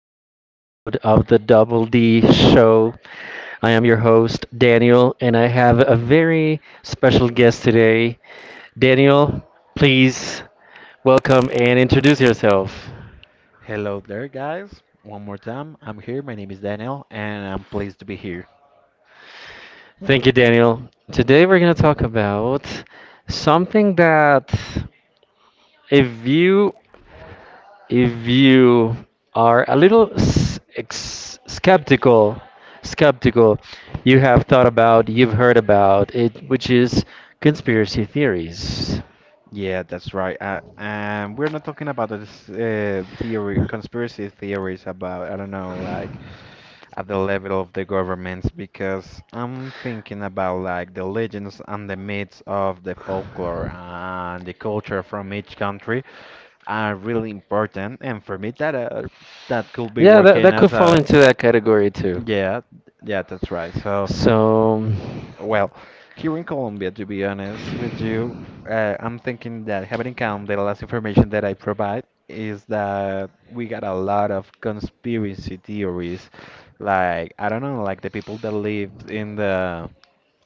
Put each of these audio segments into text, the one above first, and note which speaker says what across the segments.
Speaker 1: to another episode of the Double D Show. I am your host, Daniel, and I have a very special guest today. Daniel, please welcome and introduce yourself.
Speaker 2: Hello there, guys. One more time. I'm here. My name is Daniel, and I'm pleased to be here.
Speaker 1: Thank you, Daniel. Today, we're going to talk about something that if you if you are a little skeptical, you have thought about, you've heard about it, which is conspiracy theories.
Speaker 2: Yeah, that's right. And we're not talking about this conspiracy theories about, I don't know, like at the level of the governments, because I'm thinking about like the legends and the myths of the folklore and the culture from each country are really important. And for me, that could be
Speaker 1: Yeah, that,
Speaker 2: working
Speaker 1: that could
Speaker 2: as
Speaker 1: fall
Speaker 2: a
Speaker 1: into that category too.
Speaker 2: yeah, yeah, that's right. So.
Speaker 1: So,
Speaker 2: Well, here in Colombia, to be honest with you, I'm thinking that having in count the last information that I provide is that we got a lot of conspiracy theories. Like, I don't know, like the people that live in the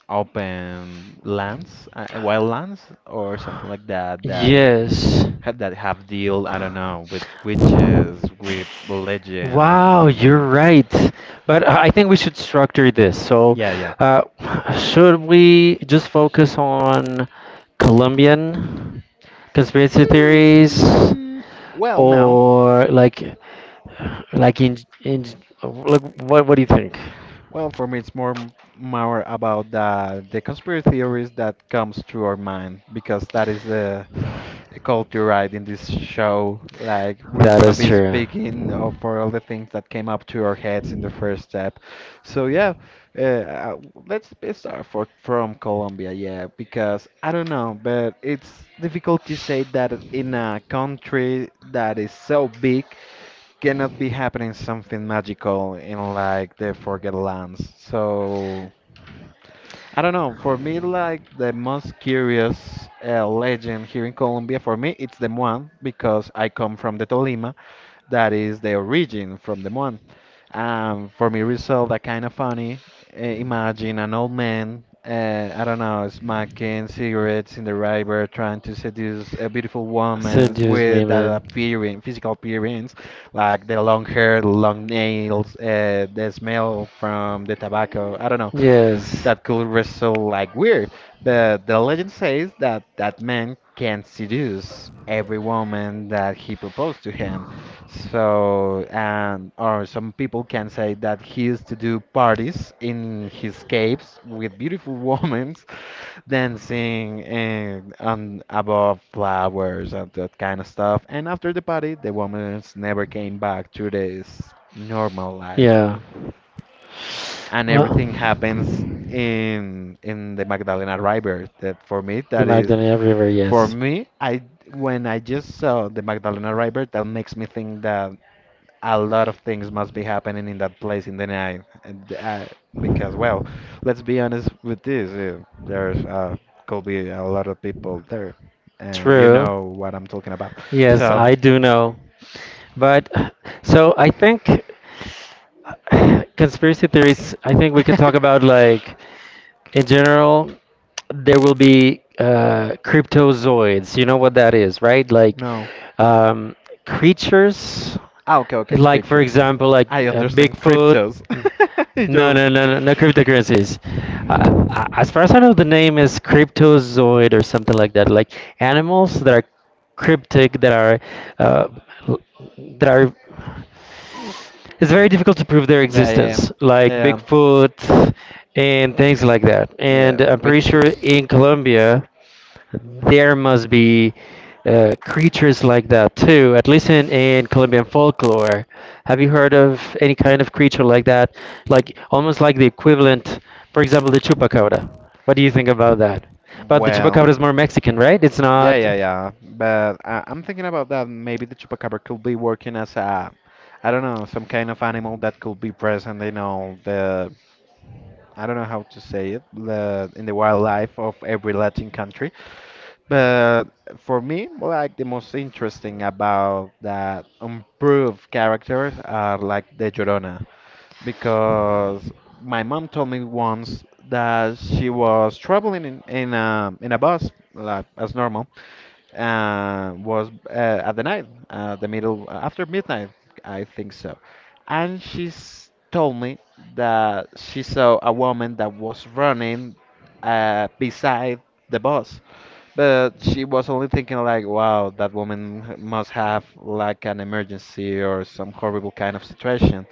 Speaker 2: open lands, wild lands, or something like that,
Speaker 1: yes.
Speaker 2: that have deal, I don't know, with witches, with
Speaker 1: Wow, you're
Speaker 2: legend.
Speaker 1: right. But I think we should structure this. So,
Speaker 2: Yeah, yeah.
Speaker 1: uh, should we just focus on Colombian conspiracy theories,
Speaker 2: Hmm. Well, no.
Speaker 1: or like in like what do you think?
Speaker 2: Well, for me, it's more about the conspiracy theories that comes through our mind because that is the culture, right, in this show. Like we're
Speaker 1: That
Speaker 2: gonna
Speaker 1: is
Speaker 2: be
Speaker 1: true.
Speaker 2: speaking of for all the things that came up to our heads in the first step. So yeah, uh, uh, let's be start for from Colombia, yeah, because I don't know, but it's difficult to say that in a country that is so big cannot be happening something magical in like the Forget Lands. So I don't know. For me, like the most curious legend here in Colombia, for me, it's the Muan because I come from the Tolima that is the origin from the one. For me, result that kind of funny. Imagine an old man, I don't know, smoking cigarettes in the river, trying to seduce a beautiful woman with that
Speaker 1: Women.
Speaker 2: appearing, physical appearance, like the long hair, the long nails, the smell from the tobacco. I don't know
Speaker 1: Yes.
Speaker 2: that could result like weird. But the legend says that that man can seduce every woman that he proposed to him. So, and or some people can say that he used to do parties in his caves with beautiful women dancing and on above flowers and that kind of stuff. And after the party, the women never came back to this normal life
Speaker 1: Yeah.
Speaker 2: and
Speaker 1: Well,
Speaker 2: everything happens in the Magdalena River. That for me,
Speaker 1: the
Speaker 2: that is
Speaker 1: Magdalena River,
Speaker 2: for
Speaker 1: yes.
Speaker 2: me. I When I just saw the Magdalena River, that makes me think that a lot of things must be happening in that place in the night. And I, because well, let's be honest with this. There's could be a lot of people there, and you
Speaker 1: True.
Speaker 2: know what I'm talking about.
Speaker 1: Yes,
Speaker 2: So.
Speaker 1: I do know. But so I think conspiracy theories, I think we could talk about like in general, there will be cryptozoids. You know what that is, right? Like
Speaker 2: No.
Speaker 1: um, creatures,
Speaker 2: Ah, okay, okay,
Speaker 1: like for
Speaker 2: creature.
Speaker 1: example, like
Speaker 2: I understand
Speaker 1: Bigfoot.
Speaker 2: cryptos.
Speaker 1: No,
Speaker 2: Yo.
Speaker 1: no, no, no, no cryptocurrencies. Uh, as far as I know, the name is cryptozoid or something like that. Like animals that are cryptic, that are uh, l- that are. It's very difficult to prove their
Speaker 2: Yeah, yeah, yeah.
Speaker 1: existence, like
Speaker 2: Yeah,
Speaker 1: Bigfoot and things like that.
Speaker 2: yeah,
Speaker 1: And I'm pretty sure
Speaker 2: witches.
Speaker 1: in Colombia there must be creatures like that too, at least in Colombian folklore. Have you heard of any kind of creature like that? Like almost like the equivalent, for example, the chupacabra. What do you think about that? But the
Speaker 2: Well,
Speaker 1: chupacabra is more Mexican, right? It's
Speaker 2: yeah,
Speaker 1: not.
Speaker 2: yeah, yeah. But I'm thinking about that. Maybe the chupacabra could be working as a, I don't know, some kind of animal that could be present in all the, I don't know how to say it, the in the wildlife of every Latin country. But for me, well, like the most interesting about that improved characters are like the Llorona, because my mom told me once that she was traveling in a bus like as normal, was at the night, the middle after midnight, I think so, and she's told me that she saw a woman that was running beside the bus but she was only thinking like, wow, that must have like an emergency or some horrible kind of situation.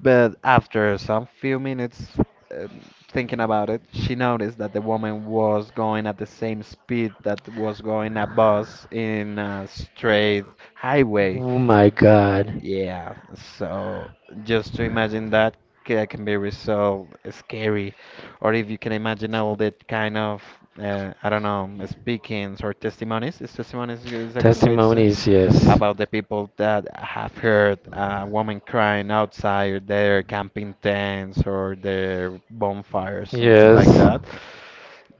Speaker 2: But after some few minutes thinking about it, she noticed that the woman was going at the same speed that was going a bus in a straight highway.
Speaker 1: My god.
Speaker 2: Yeah, so just to imagine can be so scary. Or if you can imagine all that kind of, I don't know, speakings or testimonies. Is testimonies is a good way to say
Speaker 1: Testimonies, yes.
Speaker 2: about the people that have heard a woman crying outside their camping tents or their bonfires, something like
Speaker 1: Yes.
Speaker 2: that?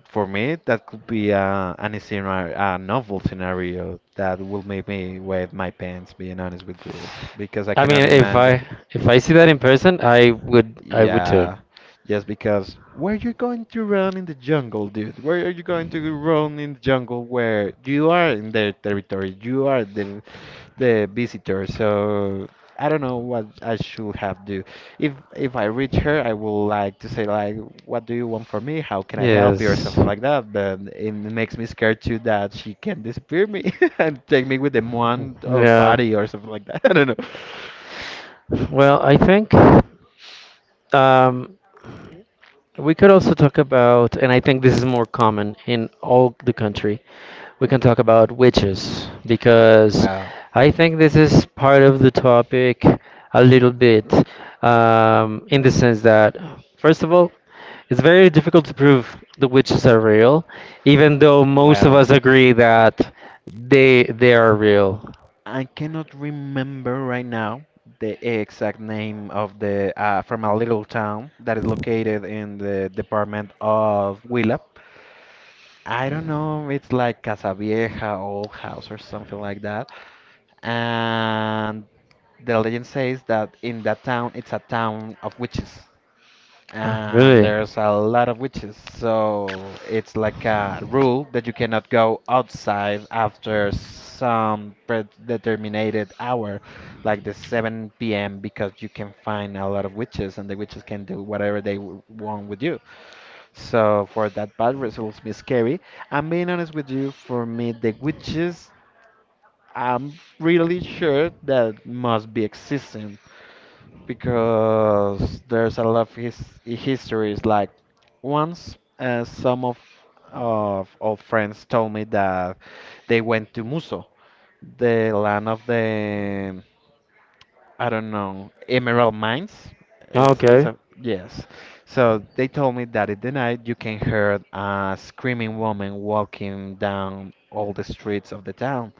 Speaker 2: For me, that could be a, an scenario, a novel scenario that will make me wet my pants, being honest with you, because I
Speaker 1: I mean,
Speaker 2: cannot
Speaker 1: if I
Speaker 2: imagine.
Speaker 1: if I see that in person, I would too.
Speaker 2: Yeah, just because where you going to run in the jungle, dude? Where are you going to run in the jungle where you are in their territory? You are the visitor. So I don't know what I should have do. If I reach her, I will like to say like, "What do you want from me? How can I help you?" or
Speaker 1: Yes.
Speaker 2: something like that. But it makes me scared too that she can disappear me and take me with the one of
Speaker 1: Yeah.
Speaker 2: party or something like that. I don't know.
Speaker 1: Well, I think um, we could also talk about, and I think this is more common in all the country, we can talk about witches because
Speaker 2: Wow.
Speaker 1: I think this is part of the topic a little bit in the sense that, first of all, it's very difficult to prove the witches are real, even though most of
Speaker 2: Well.
Speaker 1: us agree that they are real.
Speaker 2: I cannot remember right now the exact name of the from a little town that is located in the department of Huila. I don't know, it's like Casa Vieja, Old House, or something like that. And the legend says that in that town, it's a town of witches
Speaker 1: Ah,
Speaker 2: and
Speaker 1: really?
Speaker 2: there's a lot of witches. So it's like a rule that you cannot go outside after some predetermined hour, like the 7 p.m., because you can find a lot of witches and the witches can do whatever want with you. So for that, bad results me scary. I'm being honest with you, for me, the witches, I'm really sure that must be existing because there's a lot of histories. Like once, some of old friends told me that they went to Muso, the land of the I don't know emerald mines. It's
Speaker 1: Okay.
Speaker 2: a yes. So they told me that in the night you can hear a screaming woman walking down all the streets of the town.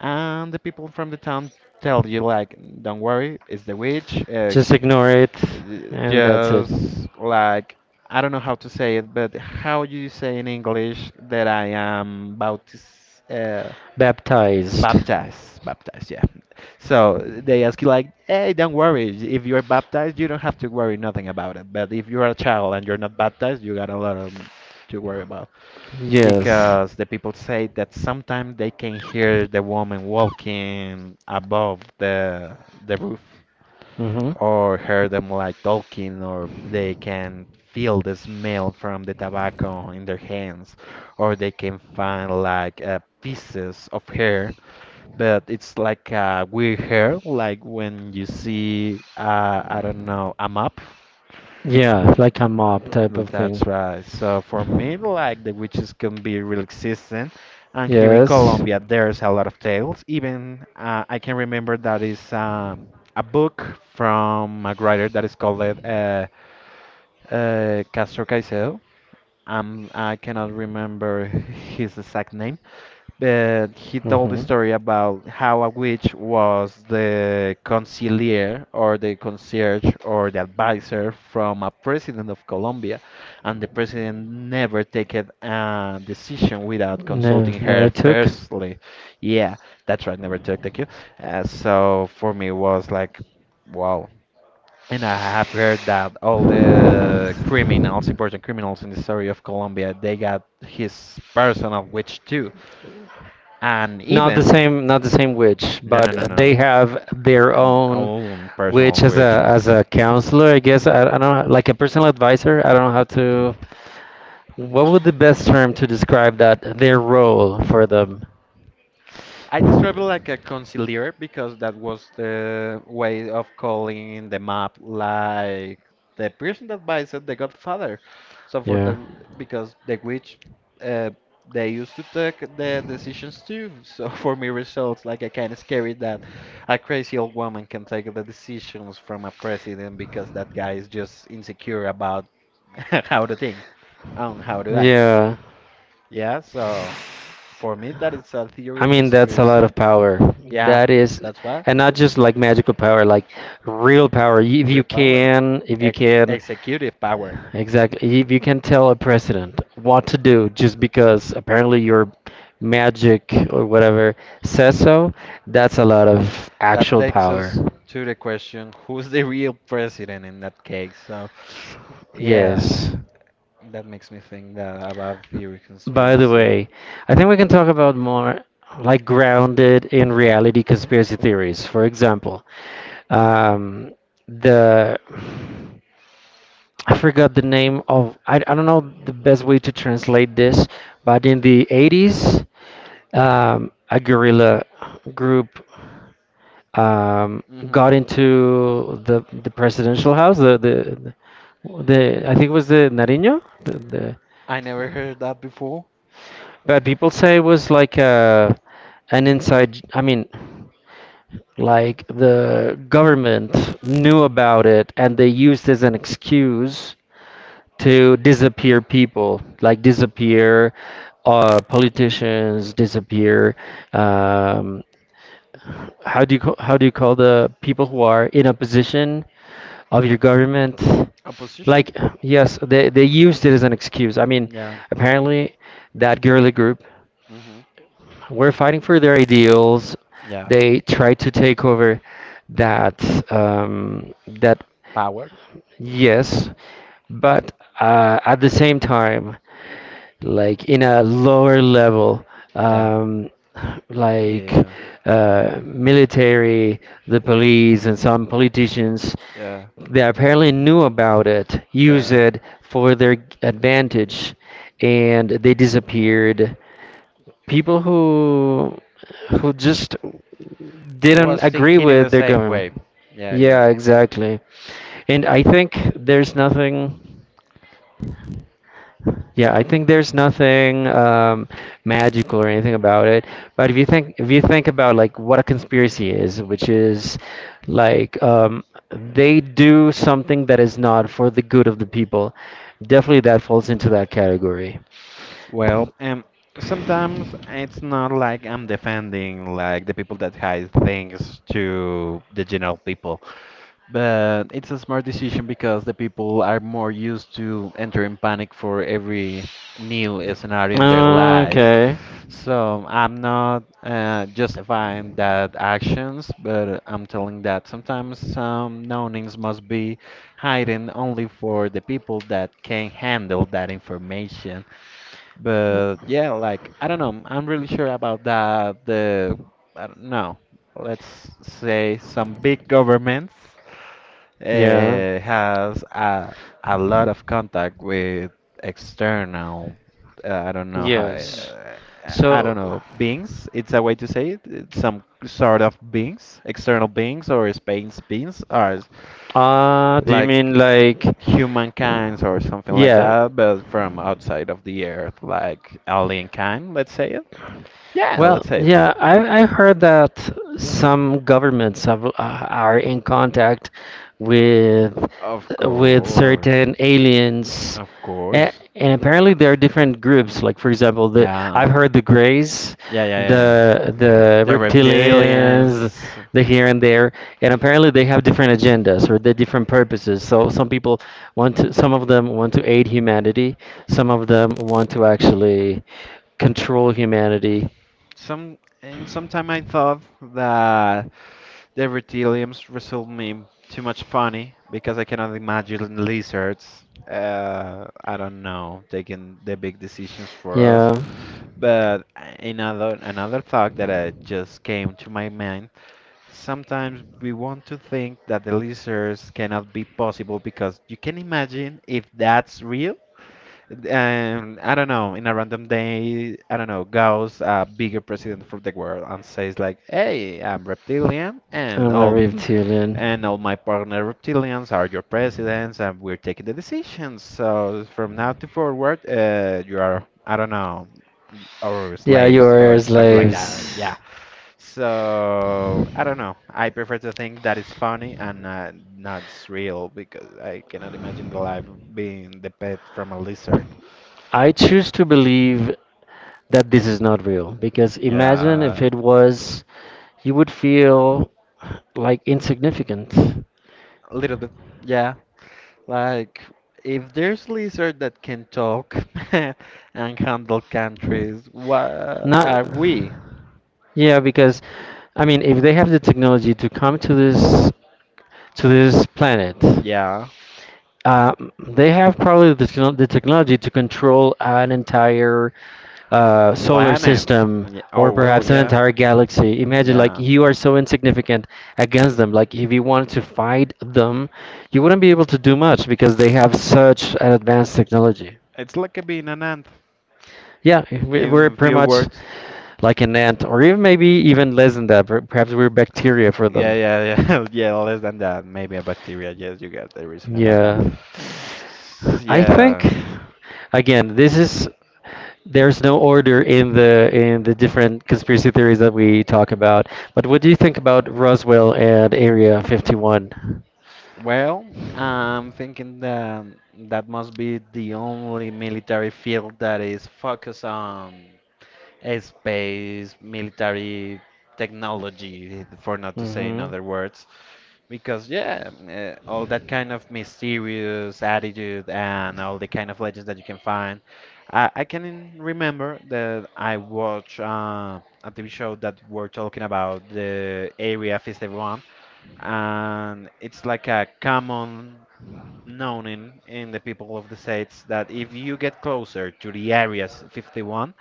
Speaker 2: And the people from the town tell you, like, don't worry, it's the witch.
Speaker 1: Just ignore it,
Speaker 2: Uh,
Speaker 1: and that's it.
Speaker 2: just like, I don't know how to say it, but how you say in English that I am baptized?
Speaker 1: Baptized.
Speaker 2: Baptized, yeah. So they ask you, like, hey, don't worry. If you're baptized, you don't have to worry nothing about it. But if you're a child and you're not baptized, you got a lot of to worry about
Speaker 1: Yes.
Speaker 2: because the people say that sometimes they can hear the woman walking above the roof
Speaker 1: Mm-hmm.
Speaker 2: or hear them like talking or they can feel the smell from the tobacco in their hands or they can find like pieces of hair but it's like a weird hair like when you see I don't know a map.
Speaker 1: Yeah, like a mob type of thing.
Speaker 2: That's right. So for me, like the witches can be real existent, and here in
Speaker 1: Yes.
Speaker 2: Colombia, there's a lot of tales. Even I can remember that is a book from a writer that is called Castro Caicedo. I cannot remember his exact name, but he told the
Speaker 1: Hmm.
Speaker 2: story about how a witch was the conciliere or the concierge or the advisor from a president of Colombia, and the president never taken a decision without
Speaker 1: No,
Speaker 2: consulting her
Speaker 1: never took.
Speaker 2: firstly. Yeah, that's right, never took. Thank you. So for me, it was like, wow. And I have heard that all the criminals, important criminals in the story of Colombia, they got his personal witch too and
Speaker 1: Not the
Speaker 2: even
Speaker 1: same, not the same witch,
Speaker 2: no no
Speaker 1: but
Speaker 2: no no
Speaker 1: they
Speaker 2: no
Speaker 1: have their
Speaker 2: and
Speaker 1: own
Speaker 2: own personal
Speaker 1: witch
Speaker 2: which
Speaker 1: as a counselor, I guess. I don't know, like a personal advisor. I don't know how to. What would the best term to describe that their role for them?
Speaker 2: I describe it like a conciliar because that was the way of calling the map like the person that buys it, the Godfather. So for that,
Speaker 1: Yeah.
Speaker 2: r- because the witch, uh, they used to take the decisions too. So for me, results like I kind of scary that a crazy old woman can take the decisions from a president because that guy is just insecure about how to think and how to act.
Speaker 1: Yeah.
Speaker 2: Yeah, so. For me, that is a
Speaker 1: I
Speaker 2: theory of
Speaker 1: mean, that's a lot
Speaker 2: conspiracy.
Speaker 1: of power.
Speaker 2: Yeah,
Speaker 1: That is,
Speaker 2: that's what.
Speaker 1: and not just like magical power, like real power. Y-
Speaker 2: Real power.
Speaker 1: if you
Speaker 2: Ex-
Speaker 1: can,
Speaker 2: Executive power.
Speaker 1: exactly, if you can tell a president what to do just because apparently your magic or whatever says so, that's a lot of
Speaker 2: That
Speaker 1: actual
Speaker 2: takes
Speaker 1: power.
Speaker 2: us to the question who's the real president in that case? So, yeah,
Speaker 1: Yes.
Speaker 2: that makes me think that about theory of
Speaker 1: By the
Speaker 2: conspiracy.
Speaker 1: way, I think we can talk about more like grounded in reality conspiracy theories. For example, um, the I forgot the name of. I don't know the best way to translate this, but in the 80s, a guerrilla group um,
Speaker 2: Hmm.
Speaker 1: got into the presidential house, the I think it was the Nariño, the
Speaker 2: I never heard that before.
Speaker 1: But people say it was like a, an inside, I mean, like the government knew about it and they used as an excuse to disappear people, like disappear politicians, disappear. Um, how do you how do you call the people who are in opposition of your government?
Speaker 2: Opposition?
Speaker 1: Like yes, they used it as an excuse. I mean,
Speaker 2: Yeah.
Speaker 1: apparently that girly group.
Speaker 2: Hmm.
Speaker 1: We're fighting for their ideals.
Speaker 2: Yeah.
Speaker 1: They try to take over that,
Speaker 2: Power?
Speaker 1: yes, but at the same time, like in a lower level,
Speaker 2: Yeah.
Speaker 1: um, like
Speaker 2: Yeah.
Speaker 1: military, the police, and some politicians,
Speaker 2: Yeah.
Speaker 1: they apparently knew about it, use
Speaker 2: Yeah.
Speaker 1: it for their advantage, and they disappeared people who just didn't
Speaker 2: Was
Speaker 1: agree
Speaker 2: thinking in the
Speaker 1: with their
Speaker 2: same
Speaker 1: government.
Speaker 2: way. Yeah, yeah.
Speaker 1: Yeah, exactly. And I think there's nothing. Yeah, I think there's nothing magical or anything about it. But if you think about like what a conspiracy is, which is like they do something that is not for the good of the people, definitely that falls into that category.
Speaker 2: Well, sometimes it's not like I'm defending like the people that hide things to the general people. But it's a smart decision because the people are more used to entering panic for every new scenario in their lives.
Speaker 1: Okay.
Speaker 2: So I'm not justifying that actions, but I'm telling that sometimes some knowings must be hidden only for the people that can handle that information. But yeah, like I don't know, I'm really sure about that. The I don't know, let's say some big governments
Speaker 1: Yeah.
Speaker 2: has a lot of contact with external uh, I don't know how
Speaker 1: Yes.
Speaker 2: uh, I
Speaker 1: So,
Speaker 2: don't know beings. It's a way to say it. It's some sort of beings, external beings or space beings, or s-
Speaker 1: do you
Speaker 2: like
Speaker 1: mean like,
Speaker 2: humankinds or something like
Speaker 1: yeah?
Speaker 2: that, but from outside of the earth, like alien kind. Let's say it. Yeah,
Speaker 1: Well,
Speaker 2: let's say it.
Speaker 1: yeah, I heard that some governments have, are in contact with
Speaker 2: Of course,
Speaker 1: certain aliens,
Speaker 2: of
Speaker 1: and,
Speaker 2: course.
Speaker 1: and apparently there are different groups. Like for example, the
Speaker 2: Yeah.
Speaker 1: I've heard the Greys,
Speaker 2: Yeah, yeah, yeah, yeah.
Speaker 1: the
Speaker 2: The
Speaker 1: reptilians,
Speaker 2: reptilians.
Speaker 1: the here and there, and apparently they have different agendas or the different purposes. So some people some of them want to aid humanity, some of them want to actually control humanity.
Speaker 2: Some and sometime I thought that the reptilians result me too much funny because I cannot imagine lizards. I don't know, taking the big decisions for
Speaker 1: Yeah.
Speaker 2: us. But another thought that I just came to my mind. Sometimes we want to think that the lizards cannot be possible because you can imagine if that's real. And I don't know, in a random day, I don't know, goes a bigger president for the world and says like, "Hey, I'm reptilian, and
Speaker 1: I'm a reptilian.
Speaker 2: all my partner reptilians are your presidents, and we're taking the decisions. So from now to forward, you are, I don't know, or
Speaker 1: Yeah, you
Speaker 2: slaves or
Speaker 1: are
Speaker 2: something like that. Yeah.
Speaker 1: slaves.
Speaker 2: So I don't know. I prefer to think that is funny and not it's real because I cannot imagine the life being the pet from a lizard.
Speaker 1: I choose to believe that this is not real because imagine if
Speaker 2: Yeah,
Speaker 1: it was, you would feel like insignificant.
Speaker 2: a little bit. Yeah, like if there's lizard that can talk and handle countries, what
Speaker 1: Not,
Speaker 2: are we?
Speaker 1: yeah, because I mean, if they have the technology to come to this planet.
Speaker 2: Yeah,
Speaker 1: Uh, they have probably the technology to control an entire solar
Speaker 2: planet.
Speaker 1: system
Speaker 2: Yeah. Oh
Speaker 1: or
Speaker 2: well,
Speaker 1: perhaps an
Speaker 2: yeah,
Speaker 1: entire galaxy. Imagine, like,
Speaker 2: yeah.
Speaker 1: you are so insignificant against them. Like, if you wanted to fight them, you wouldn't be able to do much because they have such an advanced technology.
Speaker 2: It's like a being an ant
Speaker 1: Yeah, we're
Speaker 2: in
Speaker 1: pretty
Speaker 2: few
Speaker 1: much
Speaker 2: words.
Speaker 1: like an ant, or even maybe even less than that. Perhaps we're bacteria for them.
Speaker 2: Yeah, yeah, yeah, yeah. Less than that, maybe a bacteria. Yes, you get the reason about that.
Speaker 1: Yeah. I think
Speaker 2: Yeah.
Speaker 1: again, this is there's no order in the different conspiracy theories that we talk about. But what do you think about Roswell and Area 51?
Speaker 2: Well, I'm thinking that that must be the only military field that is focused on space, military technology, for not to say in
Speaker 1: Mm-hmm.
Speaker 2: other words. Because, yeah, all that kind of mysterious attitude and all the kind of legends that you can find. I can remember that I watched a TV show that were talking about the Area 51, and it's like a common known in the people of the states that if you get closer to the areas 51,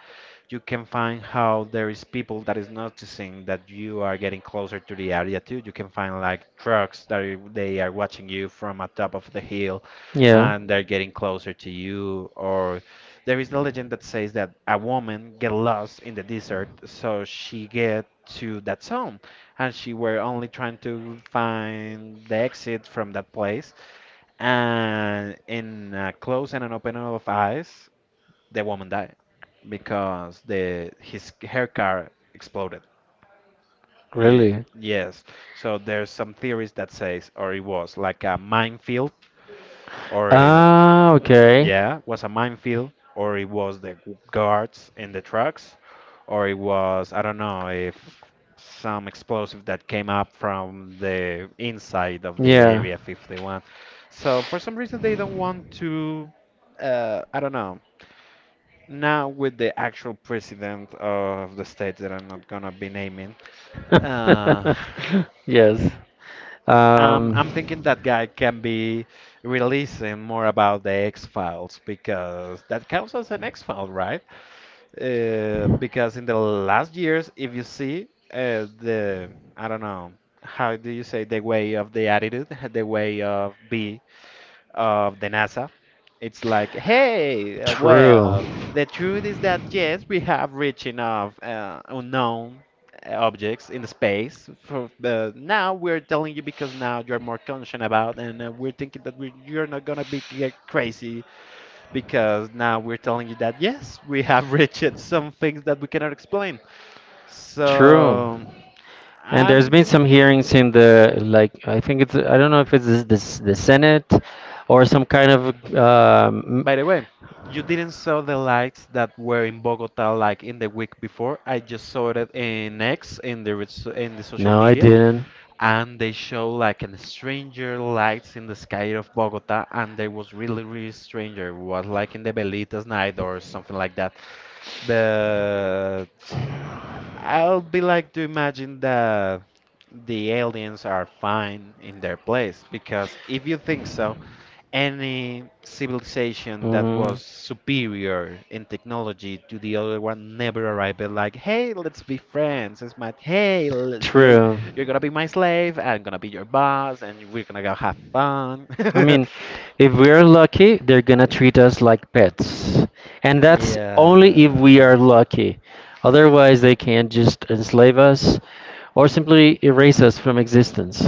Speaker 2: you can find how there is people that is noticing that you are getting closer to the area too. You can find like trucks that they are watching you from atop of the hill,
Speaker 1: Yeah.
Speaker 2: and they're getting closer to you. Or there is the legend that says that a woman get lost in the desert, so she get to that zone and she were only trying to find the exit from that place, and in a close and an open of eyes, the woman died because the his her car exploded. It,
Speaker 1: Really?
Speaker 2: yes, so there's some theories that says, or it was like a minefield, or
Speaker 1: Ah, okay.
Speaker 2: yeah, was a minefield, or it was the guards in the trucks, or it was, I don't know, if some explosive that came up from the inside of the
Speaker 1: Yeah.
Speaker 2: Area 51. So for some reason they don't want to, I don't know. Now with the actual president of the state that I'm not gonna be naming, uh,
Speaker 1: Yes.
Speaker 2: i
Speaker 1: Um,
Speaker 2: I'm thinking that guy can be releasing more about the X-Files because that counts as an X-File, right? Because in the last years, if you see the, I don't know, how do you say, the way of the attitude, the way of be of the NASA, it's like, hey,
Speaker 1: True.
Speaker 2: well, the truth is that yes, we have reached enough unknown objects in space. For now, we're telling you because now you're more conscious about, and we're thinking that we, you're not gonna be get crazy because now we're telling you that yes, we have reached some things that we cannot explain.
Speaker 1: True.
Speaker 2: So,
Speaker 1: And there's
Speaker 2: I'm.
Speaker 1: been some hearings in the like I think it's I don't know if it's this the Senate or some kind of.
Speaker 2: By the way, you didn't saw the lights that were in Bogota like in the week before. I just saw it in X in the in the social
Speaker 1: No, I
Speaker 2: media,
Speaker 1: didn't.
Speaker 2: and they show like an stranger lights in the sky of Bogota, and they was really really stranger. It was like in the Velitas night or something like that. But I'll be like to imagine that the aliens are fine in their place because if you think so, any civilization that
Speaker 1: Mm.
Speaker 2: was superior in technology to the other one never arrived at like, hey, let's be friends. It's my hey,
Speaker 1: True.
Speaker 2: you're gonna be my slave, I'm gonna be your boss, and we're gonna go have fun.
Speaker 1: I mean, if we're lucky, they're gonna treat us like pets. And that's only if we
Speaker 2: Yeah.
Speaker 1: are lucky. Otherwise, they can just enslave us or simply erase us from existence.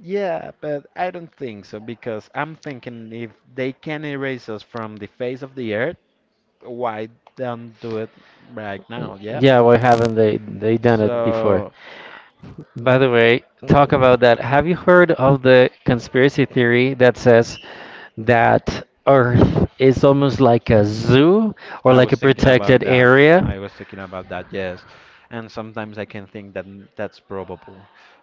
Speaker 2: Yeah, but I don't think so because I'm thinking if they can erase us from the face of the earth, why don't do it right now? Yeah.
Speaker 1: Yeah, why haven't they done it before?
Speaker 2: So
Speaker 1: By the way, talk about that. Have you heard of the conspiracy theory that says that Earth is almost like a zoo or
Speaker 2: I
Speaker 1: like
Speaker 2: was
Speaker 1: a
Speaker 2: thinking about
Speaker 1: protected
Speaker 2: that.
Speaker 1: area?
Speaker 2: I was thinking about that, yes. And sometimes I can think that that's probable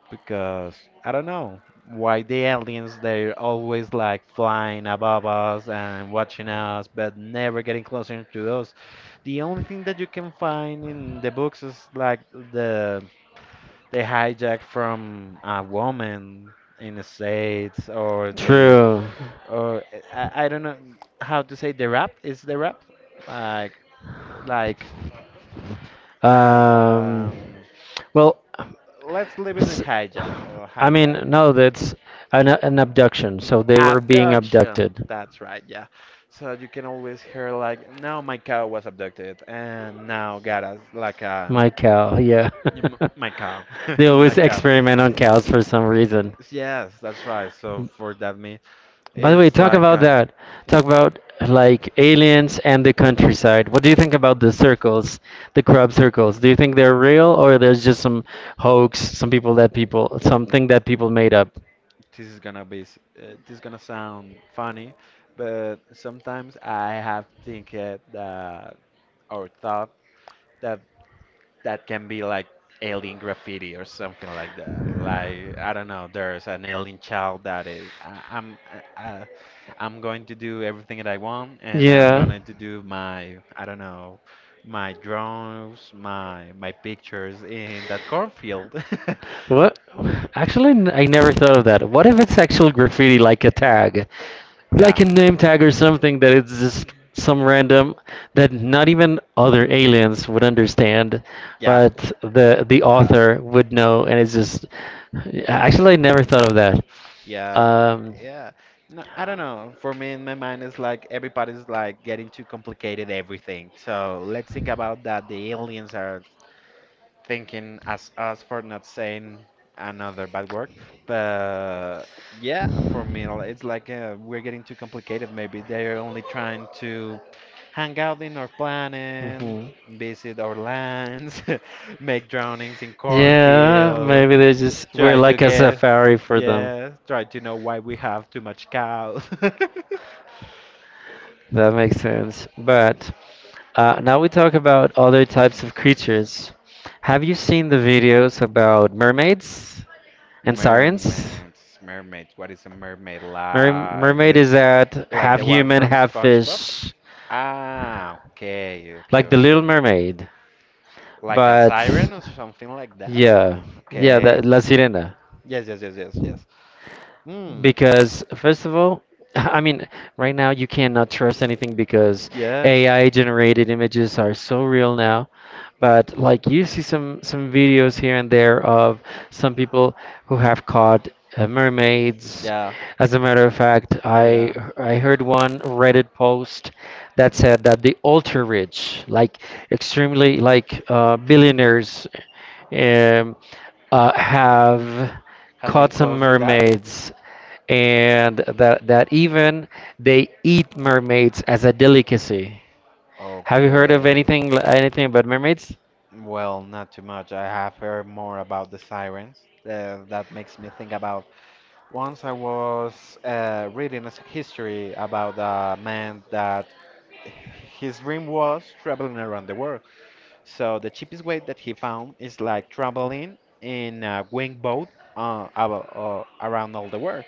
Speaker 2: because I don't know why the aliens they're always like flying above us and watching us but never getting closer to us. The only thing that you can find in the books is like the hijack from a woman in the States, or the,
Speaker 1: True.
Speaker 2: or I don't know how to say the rap is the rap. Like like,
Speaker 1: Um,
Speaker 2: um,
Speaker 1: well,
Speaker 2: let's leave it in
Speaker 1: s-
Speaker 2: hijack or
Speaker 1: I mean,
Speaker 2: hijack.
Speaker 1: no, that's an abduction. So they were being
Speaker 2: Abduction.
Speaker 1: abducted.
Speaker 2: That's right, yeah. So you can always hear like, now my cow was abducted, and now got us like a
Speaker 1: My cow, yeah.
Speaker 2: my cow,
Speaker 1: They
Speaker 2: my
Speaker 1: always
Speaker 2: cow.
Speaker 1: experiment on cows for some reason.
Speaker 2: Yes, that's right. So for that me,
Speaker 1: By the way,
Speaker 2: it's
Speaker 1: talk
Speaker 2: like
Speaker 1: about that. Talk about like aliens and the countryside. What do you think about the circles, the crop circles? Do you think they're real or there's just some hoax, some people that people, something that people made up?
Speaker 2: this is gonna sound funny, but sometimes I have think it that our that that can be like alien graffiti or something like that. Like I don't know, there's an alien child that is I- I'm going to do everything that I want, and I'm
Speaker 1: Yeah.
Speaker 2: going to do my I don't know my drawings, my pictures in that cornfield.
Speaker 1: What? Actually, I never thought of that. What if it's actual graffiti, like a tag,
Speaker 2: Yeah.
Speaker 1: like a name tag or something that it's just some random that not even other aliens would understand, yeah.
Speaker 2: Yeah.
Speaker 1: But the
Speaker 2: Yeah.
Speaker 1: author would know, and it's just. Actually, I never thought of that.
Speaker 2: Yeah,
Speaker 1: Yeah.
Speaker 2: yeah. No, I don't know. For me, in my mind, it's like everybody's like getting too complicated everything. So let's think about that. The aliens are thinking as us for not saying another bad word. But yeah, for me, it's like we're getting too complicated. Maybe they're only trying to hang out in our planet,
Speaker 1: Hmm,
Speaker 2: visit our lands, make drownings in
Speaker 1: call. Yeah,
Speaker 2: cornfield,
Speaker 1: maybe they just we're
Speaker 2: try to
Speaker 1: like a yeah,
Speaker 2: get,
Speaker 1: safari for yeah.
Speaker 2: yeah, try to know why we have too much cows.
Speaker 1: That makes sense. But now we talk about other types of creatures. Have you seen the videos about mermaids? And sirens?
Speaker 2: Mermaids, mermaids. What is a mermaid
Speaker 1: Mer-
Speaker 2: like?
Speaker 1: mermaid is that
Speaker 2: Like
Speaker 1: half
Speaker 2: the one
Speaker 1: human,
Speaker 2: from
Speaker 1: half
Speaker 2: SpongeBob?
Speaker 1: fish,
Speaker 2: Ah, okay, okay,
Speaker 1: like the Little
Speaker 2: okay.
Speaker 1: Mermaid.
Speaker 2: Like a
Speaker 1: But
Speaker 2: siren or something like that?
Speaker 1: yeah, yeah,
Speaker 2: Okay.
Speaker 1: that La Sirena.
Speaker 2: Yes, yes, yes, yes, yes. Hmm.
Speaker 1: Because first of all, I mean, right now you cannot trust anything because
Speaker 2: Yes.
Speaker 1: AI generated images are so real now. But like you see some videos here and there of some people who have caught mermaids.
Speaker 2: Yeah,
Speaker 1: As a matter of fact,
Speaker 2: yeah,
Speaker 1: I
Speaker 2: yeah.
Speaker 1: I heard one Reddit post that said that the ultra rich, like extremely like billionaires, um, have
Speaker 2: Has been
Speaker 1: caught some
Speaker 2: close to that?
Speaker 1: mermaids and that even they eat mermaids as a delicacy. Have you heard of
Speaker 2: Okay.
Speaker 1: anything about mermaids?
Speaker 2: Well, not too much. I have heard more about the sirens. That makes me think about once I was reading a history about a man that his dream was traveling around the world. So the cheapest way that he found is like traveling in a wing boat around all the world.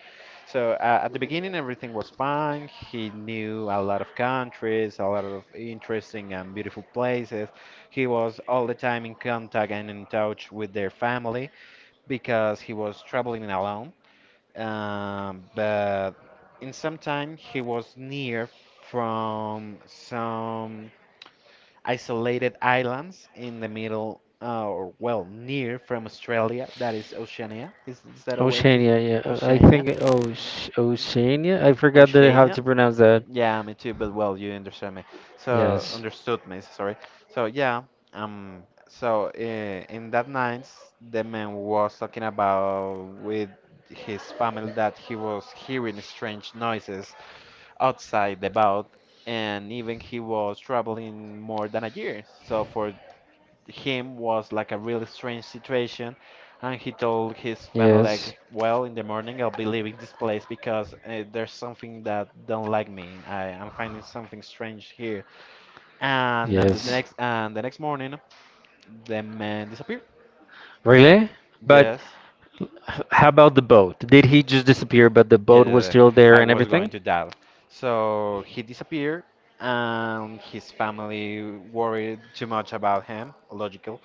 Speaker 2: So at the beginning, everything was fine. He knew a lot of countries, a lot of interesting and beautiful places. He was all the time in contact and in touch with their family because he was traveling alone, but in some time he was near from some isolated islands in the middle, or well, near from Australia. That is Oceania. Is that a way to
Speaker 1: Oceania, is the southern part. Oceania, yeah. I
Speaker 2: Oceania?
Speaker 1: think Oceania. I forgot that I have
Speaker 2: Oceania?
Speaker 1: to pronounce that.
Speaker 2: Yeah, me too. But well, you understand me. So
Speaker 1: Yes.
Speaker 2: understood me. Sorry. So yeah. So in that night, the man was talking about with his family that he was hearing strange noises outside the boat, and even he was traveling more than a year. So for him was like a really strange situation, and he told his
Speaker 1: Yes.
Speaker 2: family
Speaker 1: Parents.
Speaker 2: like, "Well, in the morning I'll be leaving this place because there's something that don't like me. I'm finding something strange here." And the
Speaker 1: Yes.
Speaker 2: next morning, the man disappeared.
Speaker 1: Really? But
Speaker 2: Yes.
Speaker 1: yeah, how about the boat? Did he just disappear, but the
Speaker 2: Yeah,
Speaker 1: boat was
Speaker 2: yeah, yeah.
Speaker 1: still there
Speaker 2: I
Speaker 1: and
Speaker 2: was going
Speaker 1: everything?
Speaker 2: to that. So he disappeared, and his family worried too much about him, logical.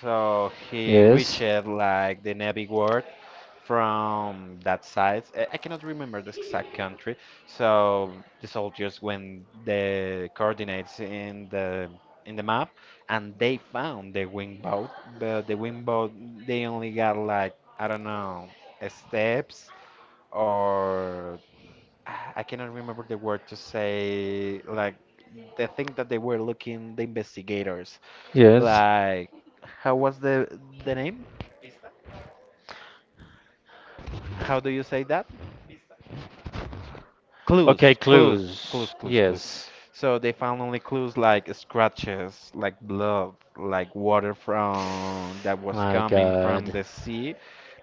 Speaker 2: So he reached
Speaker 1: Yes.
Speaker 2: like the Navy world from that side. I cannot remember the exact country. So the soldiers went the coordinates in the map, and they found the wing boat, but the wing boat they only got like I don't know steps or I cannot remember the word to say, like the thing that they were looking, the investigators.
Speaker 1: Yes.
Speaker 2: Like, how was the name? How do you say that?
Speaker 1: Okay, clues.
Speaker 2: Clues.
Speaker 1: Yes.
Speaker 2: So they found only clues like scratches, like blood, like water from that was
Speaker 1: My
Speaker 2: coming from
Speaker 1: God.
Speaker 2: the sea,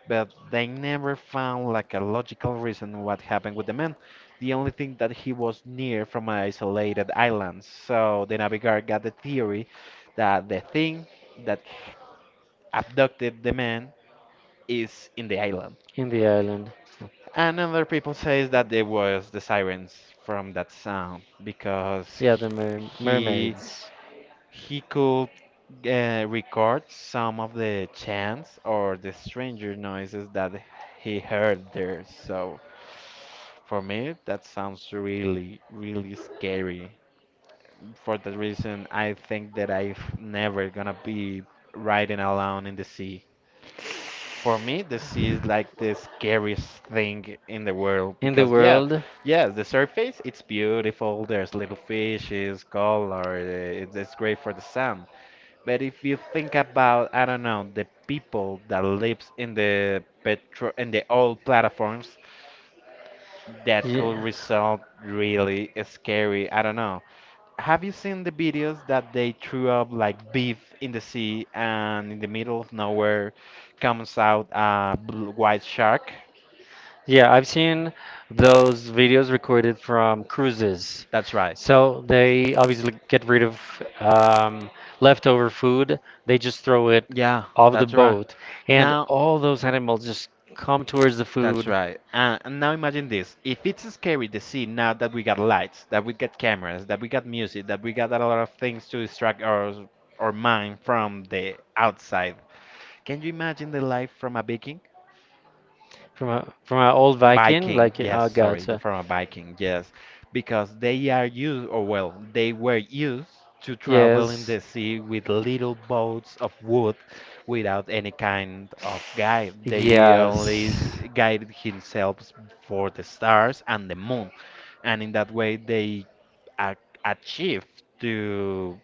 Speaker 2: but they never found like a logical reason what happened with the man. The only thing that he was near from an isolated island. So the Navigator got the theory that the thing that abducted the man is in the island.
Speaker 1: In the island.
Speaker 2: And other people says that it was the sirens from that sound because
Speaker 1: Yeah, the mer
Speaker 2: he,
Speaker 1: mermaids.
Speaker 2: he could record some of the chants or the stranger noises that he heard there. So for me, that sounds really, really scary. For that reason, I think that I'm never gonna be riding alone in the sea. For me, the sea is like the scariest thing in the world
Speaker 1: In the
Speaker 2: because, yeah,
Speaker 1: world.
Speaker 2: yeah, the surface it's beautiful. There's little fishes, color. It's great for the sun. But if you think about, I don't know, the people that lives in the petro in the old platforms, that
Speaker 1: Yeah.
Speaker 2: could result really scary. I don't know. Have you seen the videos that they threw up like beef in the sea and in the middle of nowhere comes out a bl white shark?
Speaker 1: Yeah, I've seen those videos recorded from cruises.
Speaker 2: That's right.
Speaker 1: So they obviously get rid of um, leftover food. They just throw it
Speaker 2: Yeah,
Speaker 1: off the
Speaker 2: that's right.
Speaker 1: boat, and
Speaker 2: Now,
Speaker 1: all those animals just come towards the
Speaker 2: That's
Speaker 1: food.
Speaker 2: right. And now imagine this. If it's scary to see now that we got lights, that we got cameras, that we got music, that we got a lot of things to distract our mind from the outside. Can you imagine the life from a Viking?
Speaker 1: From an old Viking,
Speaker 2: Viking,
Speaker 1: like
Speaker 2: yes,
Speaker 1: oh god,
Speaker 2: sorry, the-
Speaker 1: so.
Speaker 2: from a Viking, yes, because they are used, or well, they were used to travel in
Speaker 1: Yes.
Speaker 2: the sea with little boats of wood without any kind of guide. They only s-
Speaker 1: Yes.
Speaker 2: guided themselves for the stars and the moon, and in that way they a- achieved to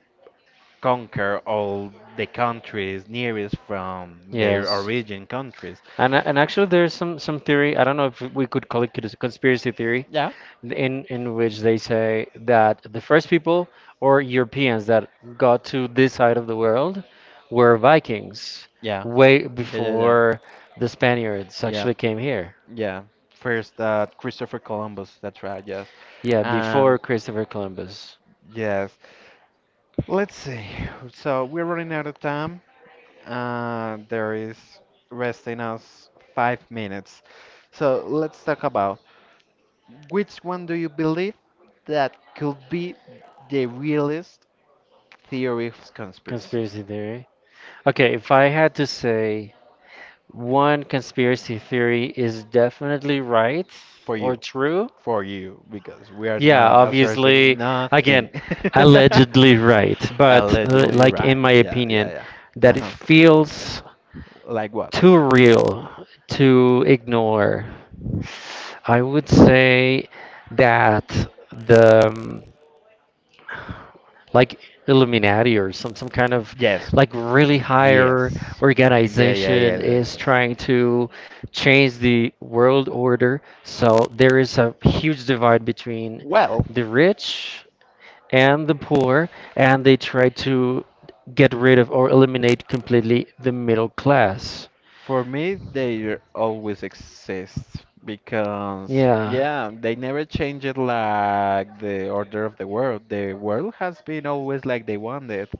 Speaker 2: conquer all the countries nearest from
Speaker 1: A.
Speaker 2: their
Speaker 1: Yes.
Speaker 2: origin countries.
Speaker 1: And actually, there's some theory. I don't know if we could call it conspiracy theory,
Speaker 2: Yeah,
Speaker 1: in which they say that the first people or Europeans that got to this side of the world were Vikings,
Speaker 2: Yeah.
Speaker 1: way
Speaker 2: Yeah, yeah, yeah.
Speaker 1: before the Spaniards, yeah,
Speaker 2: Yeah.
Speaker 1: actually came here.
Speaker 2: Yeah. First, Christopher Columbus. That's right. Yes.
Speaker 1: Yeah,
Speaker 2: And
Speaker 1: before Christopher Columbus.
Speaker 2: yes. Let's see. So we're running out of time. There is resting us 5 minutes. So let's talk about which one do you believe that could be the realist theory of conspiracy?
Speaker 1: Conspiracy theory. Okay, if I had to say one conspiracy theory is definitely right
Speaker 2: For
Speaker 1: or
Speaker 2: you,
Speaker 1: true,
Speaker 2: for you, because we are
Speaker 1: yeah,
Speaker 2: not asserting
Speaker 1: obviously, again,
Speaker 2: nothing.
Speaker 1: allegedly right, but
Speaker 2: Allegedly,
Speaker 1: like in
Speaker 2: right?
Speaker 1: my opinion,
Speaker 2: Yeah, yeah. Uh
Speaker 1: that it
Speaker 2: huh.
Speaker 1: feels
Speaker 2: Like what?
Speaker 1: too real to ignore. I would say that the like Illuminati or some kind of
Speaker 2: Yes.
Speaker 1: like really higher
Speaker 2: Yes. Yeah, yeah, yeah,
Speaker 1: organization
Speaker 2: yeah.
Speaker 1: is
Speaker 2: yeah.
Speaker 1: trying to change the world order. So there is a huge divide between
Speaker 2: Well,
Speaker 1: the rich and the poor, and they try to get rid of or eliminate completely the middle class.
Speaker 2: for me, they always exist because,
Speaker 1: Yeah.
Speaker 2: yeah, they never change it like the order of the world. The world has been always like they wanted.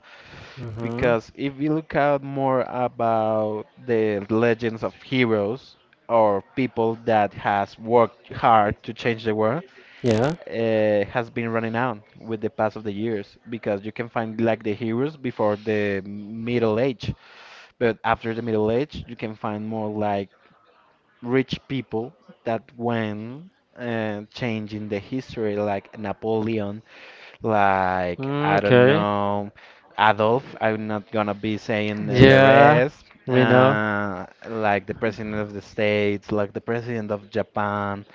Speaker 1: Mhm.
Speaker 2: Because if we look out more about the legends of heroes or people that has worked hard to change the world,
Speaker 1: Yeah.
Speaker 2: has been running out with the pass of the years. Because you can find like the heroes before the middle age, but after the middle age, you can find more like rich people that went changing the history, like Napoleon like
Speaker 1: Mm,
Speaker 2: I don't
Speaker 1: okay.
Speaker 2: know, Adolf. I'm not gonna be saying the
Speaker 1: Yeah,
Speaker 2: rest.
Speaker 1: we know.
Speaker 2: Like the president of the States, like the president of Japan,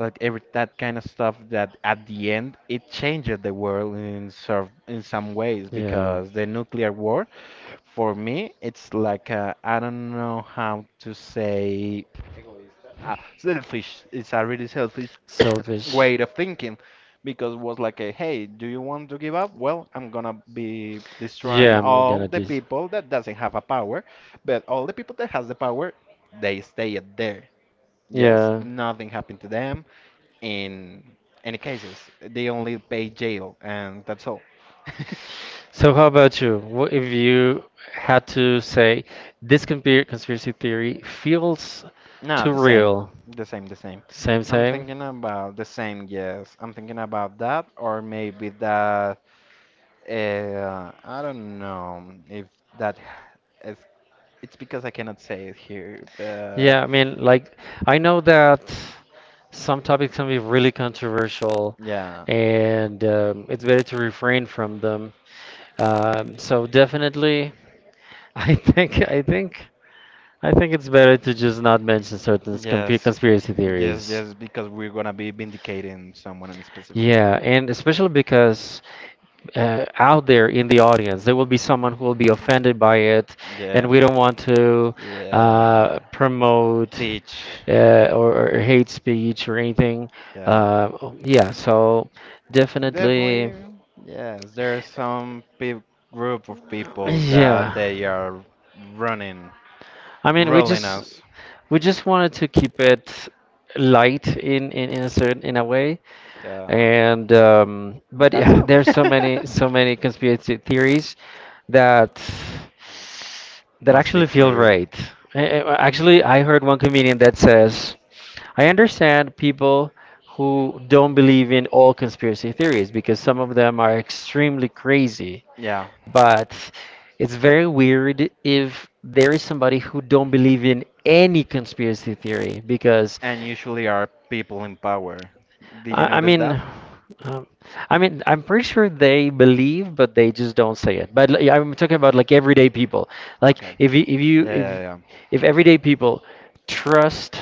Speaker 2: like every that kind of stuff. That at the end it changed the world in sort in some ways
Speaker 1: Yeah.
Speaker 2: because the nuclear war, for me, it's like I don't know how to say. Egoista. Ah, selfish. It's a really selfish
Speaker 1: Selfish.
Speaker 2: way of thinking because it was like a, hey, do you want to give up? Well, I'm gonna be destroying
Speaker 1: Yeah, I'm
Speaker 2: all
Speaker 1: gonna
Speaker 2: the
Speaker 1: just.
Speaker 2: people that doesn't have a power, but all the people that has the power, they stay at there. Yes,
Speaker 1: Yeah.
Speaker 2: nothing happened to them. In any cases, they only pay jail, and that's all.
Speaker 1: So how about you? What if you had to say this computer conspiracy theory feels
Speaker 2: No,
Speaker 1: too
Speaker 2: the same,
Speaker 1: real?
Speaker 2: the same, the same.
Speaker 1: Same,
Speaker 2: I'm
Speaker 1: same.
Speaker 2: thinking about the same. Yes, I'm thinking about that, or maybe that. I don't know if that. Eh, It's because I cannot say it here.
Speaker 1: Yeah, I mean, like I know that some topics can be really controversial,
Speaker 2: Yeah.
Speaker 1: and it's better to refrain from them. So definitely, I think. I think it's better to just not mention certain
Speaker 2: Yes.
Speaker 1: conspiracy
Speaker 2: Yes.
Speaker 1: theories.
Speaker 2: Yes. Because we're gonna be vindicating someone in specific.
Speaker 1: Yeah, and especially because out there in the audience, there will be someone who will be offended by it,
Speaker 2: Yeah.
Speaker 1: and we don't want to
Speaker 2: Yeah.
Speaker 1: promote
Speaker 2: Teach.
Speaker 1: or hate speech or anything.
Speaker 2: Yeah.
Speaker 1: Yeah, so definitely,
Speaker 2: Definitely. Yes. There's some pe group of people that
Speaker 1: yeah.
Speaker 2: they are running,
Speaker 1: I mean, we
Speaker 2: ruling
Speaker 1: just
Speaker 2: us.
Speaker 1: we just wanted to keep it light in a certain in a way,
Speaker 2: Yeah,
Speaker 1: and but
Speaker 2: that's
Speaker 1: yeah,
Speaker 2: so.
Speaker 1: there's so many so many conspiracy theories that
Speaker 2: Must be
Speaker 1: actually feel
Speaker 2: true.
Speaker 1: right. Actually, I heard one comedian that says, I understand people who don't believe in all conspiracy theories because some of them are extremely crazy
Speaker 2: Yeah,
Speaker 1: but it's very weird if there is somebody who don't believe in any conspiracy theory because
Speaker 2: and usually are people in power. Did you
Speaker 1: I, I
Speaker 2: notice that?
Speaker 1: mean um, I mean I'm pretty sure they believe but they just don't say it but like, I'm talking about like everyday people like
Speaker 2: Okay.
Speaker 1: if you if
Speaker 2: Yeah,
Speaker 1: you
Speaker 2: yeah, yeah.
Speaker 1: if everyday people trust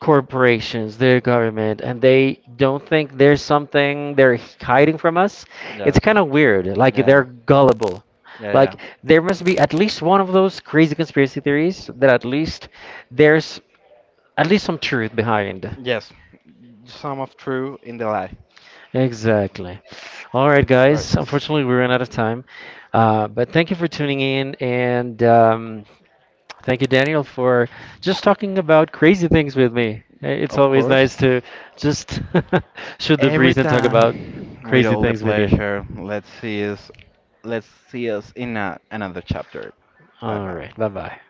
Speaker 1: corporations, their government, and they don't think there's something they're hiding from us. It's
Speaker 2: Yes.
Speaker 1: kind of weird. Like
Speaker 2: Yeah,
Speaker 1: they're gullible.
Speaker 2: yeah.
Speaker 1: Like there must be at least one of those crazy conspiracy theories that at least there's at least some truth behind.
Speaker 2: Yes, some of true in the lie.
Speaker 1: Exactly. All right,
Speaker 2: Right.
Speaker 1: guys.
Speaker 2: s-
Speaker 1: Unfortunately, we ran out of time. But thank you for tuning in, and thank you, Daniel, for just talking about crazy things with me. It's
Speaker 2: Of
Speaker 1: always
Speaker 2: course.
Speaker 1: nice to just shoot the
Speaker 2: Every
Speaker 1: breeze and talk about
Speaker 2: time with
Speaker 1: crazy
Speaker 2: all the
Speaker 1: things with you.
Speaker 2: pleasure. Let's see us in a, another chapter. Bye
Speaker 1: All
Speaker 2: bye.
Speaker 1: right. Bye bye.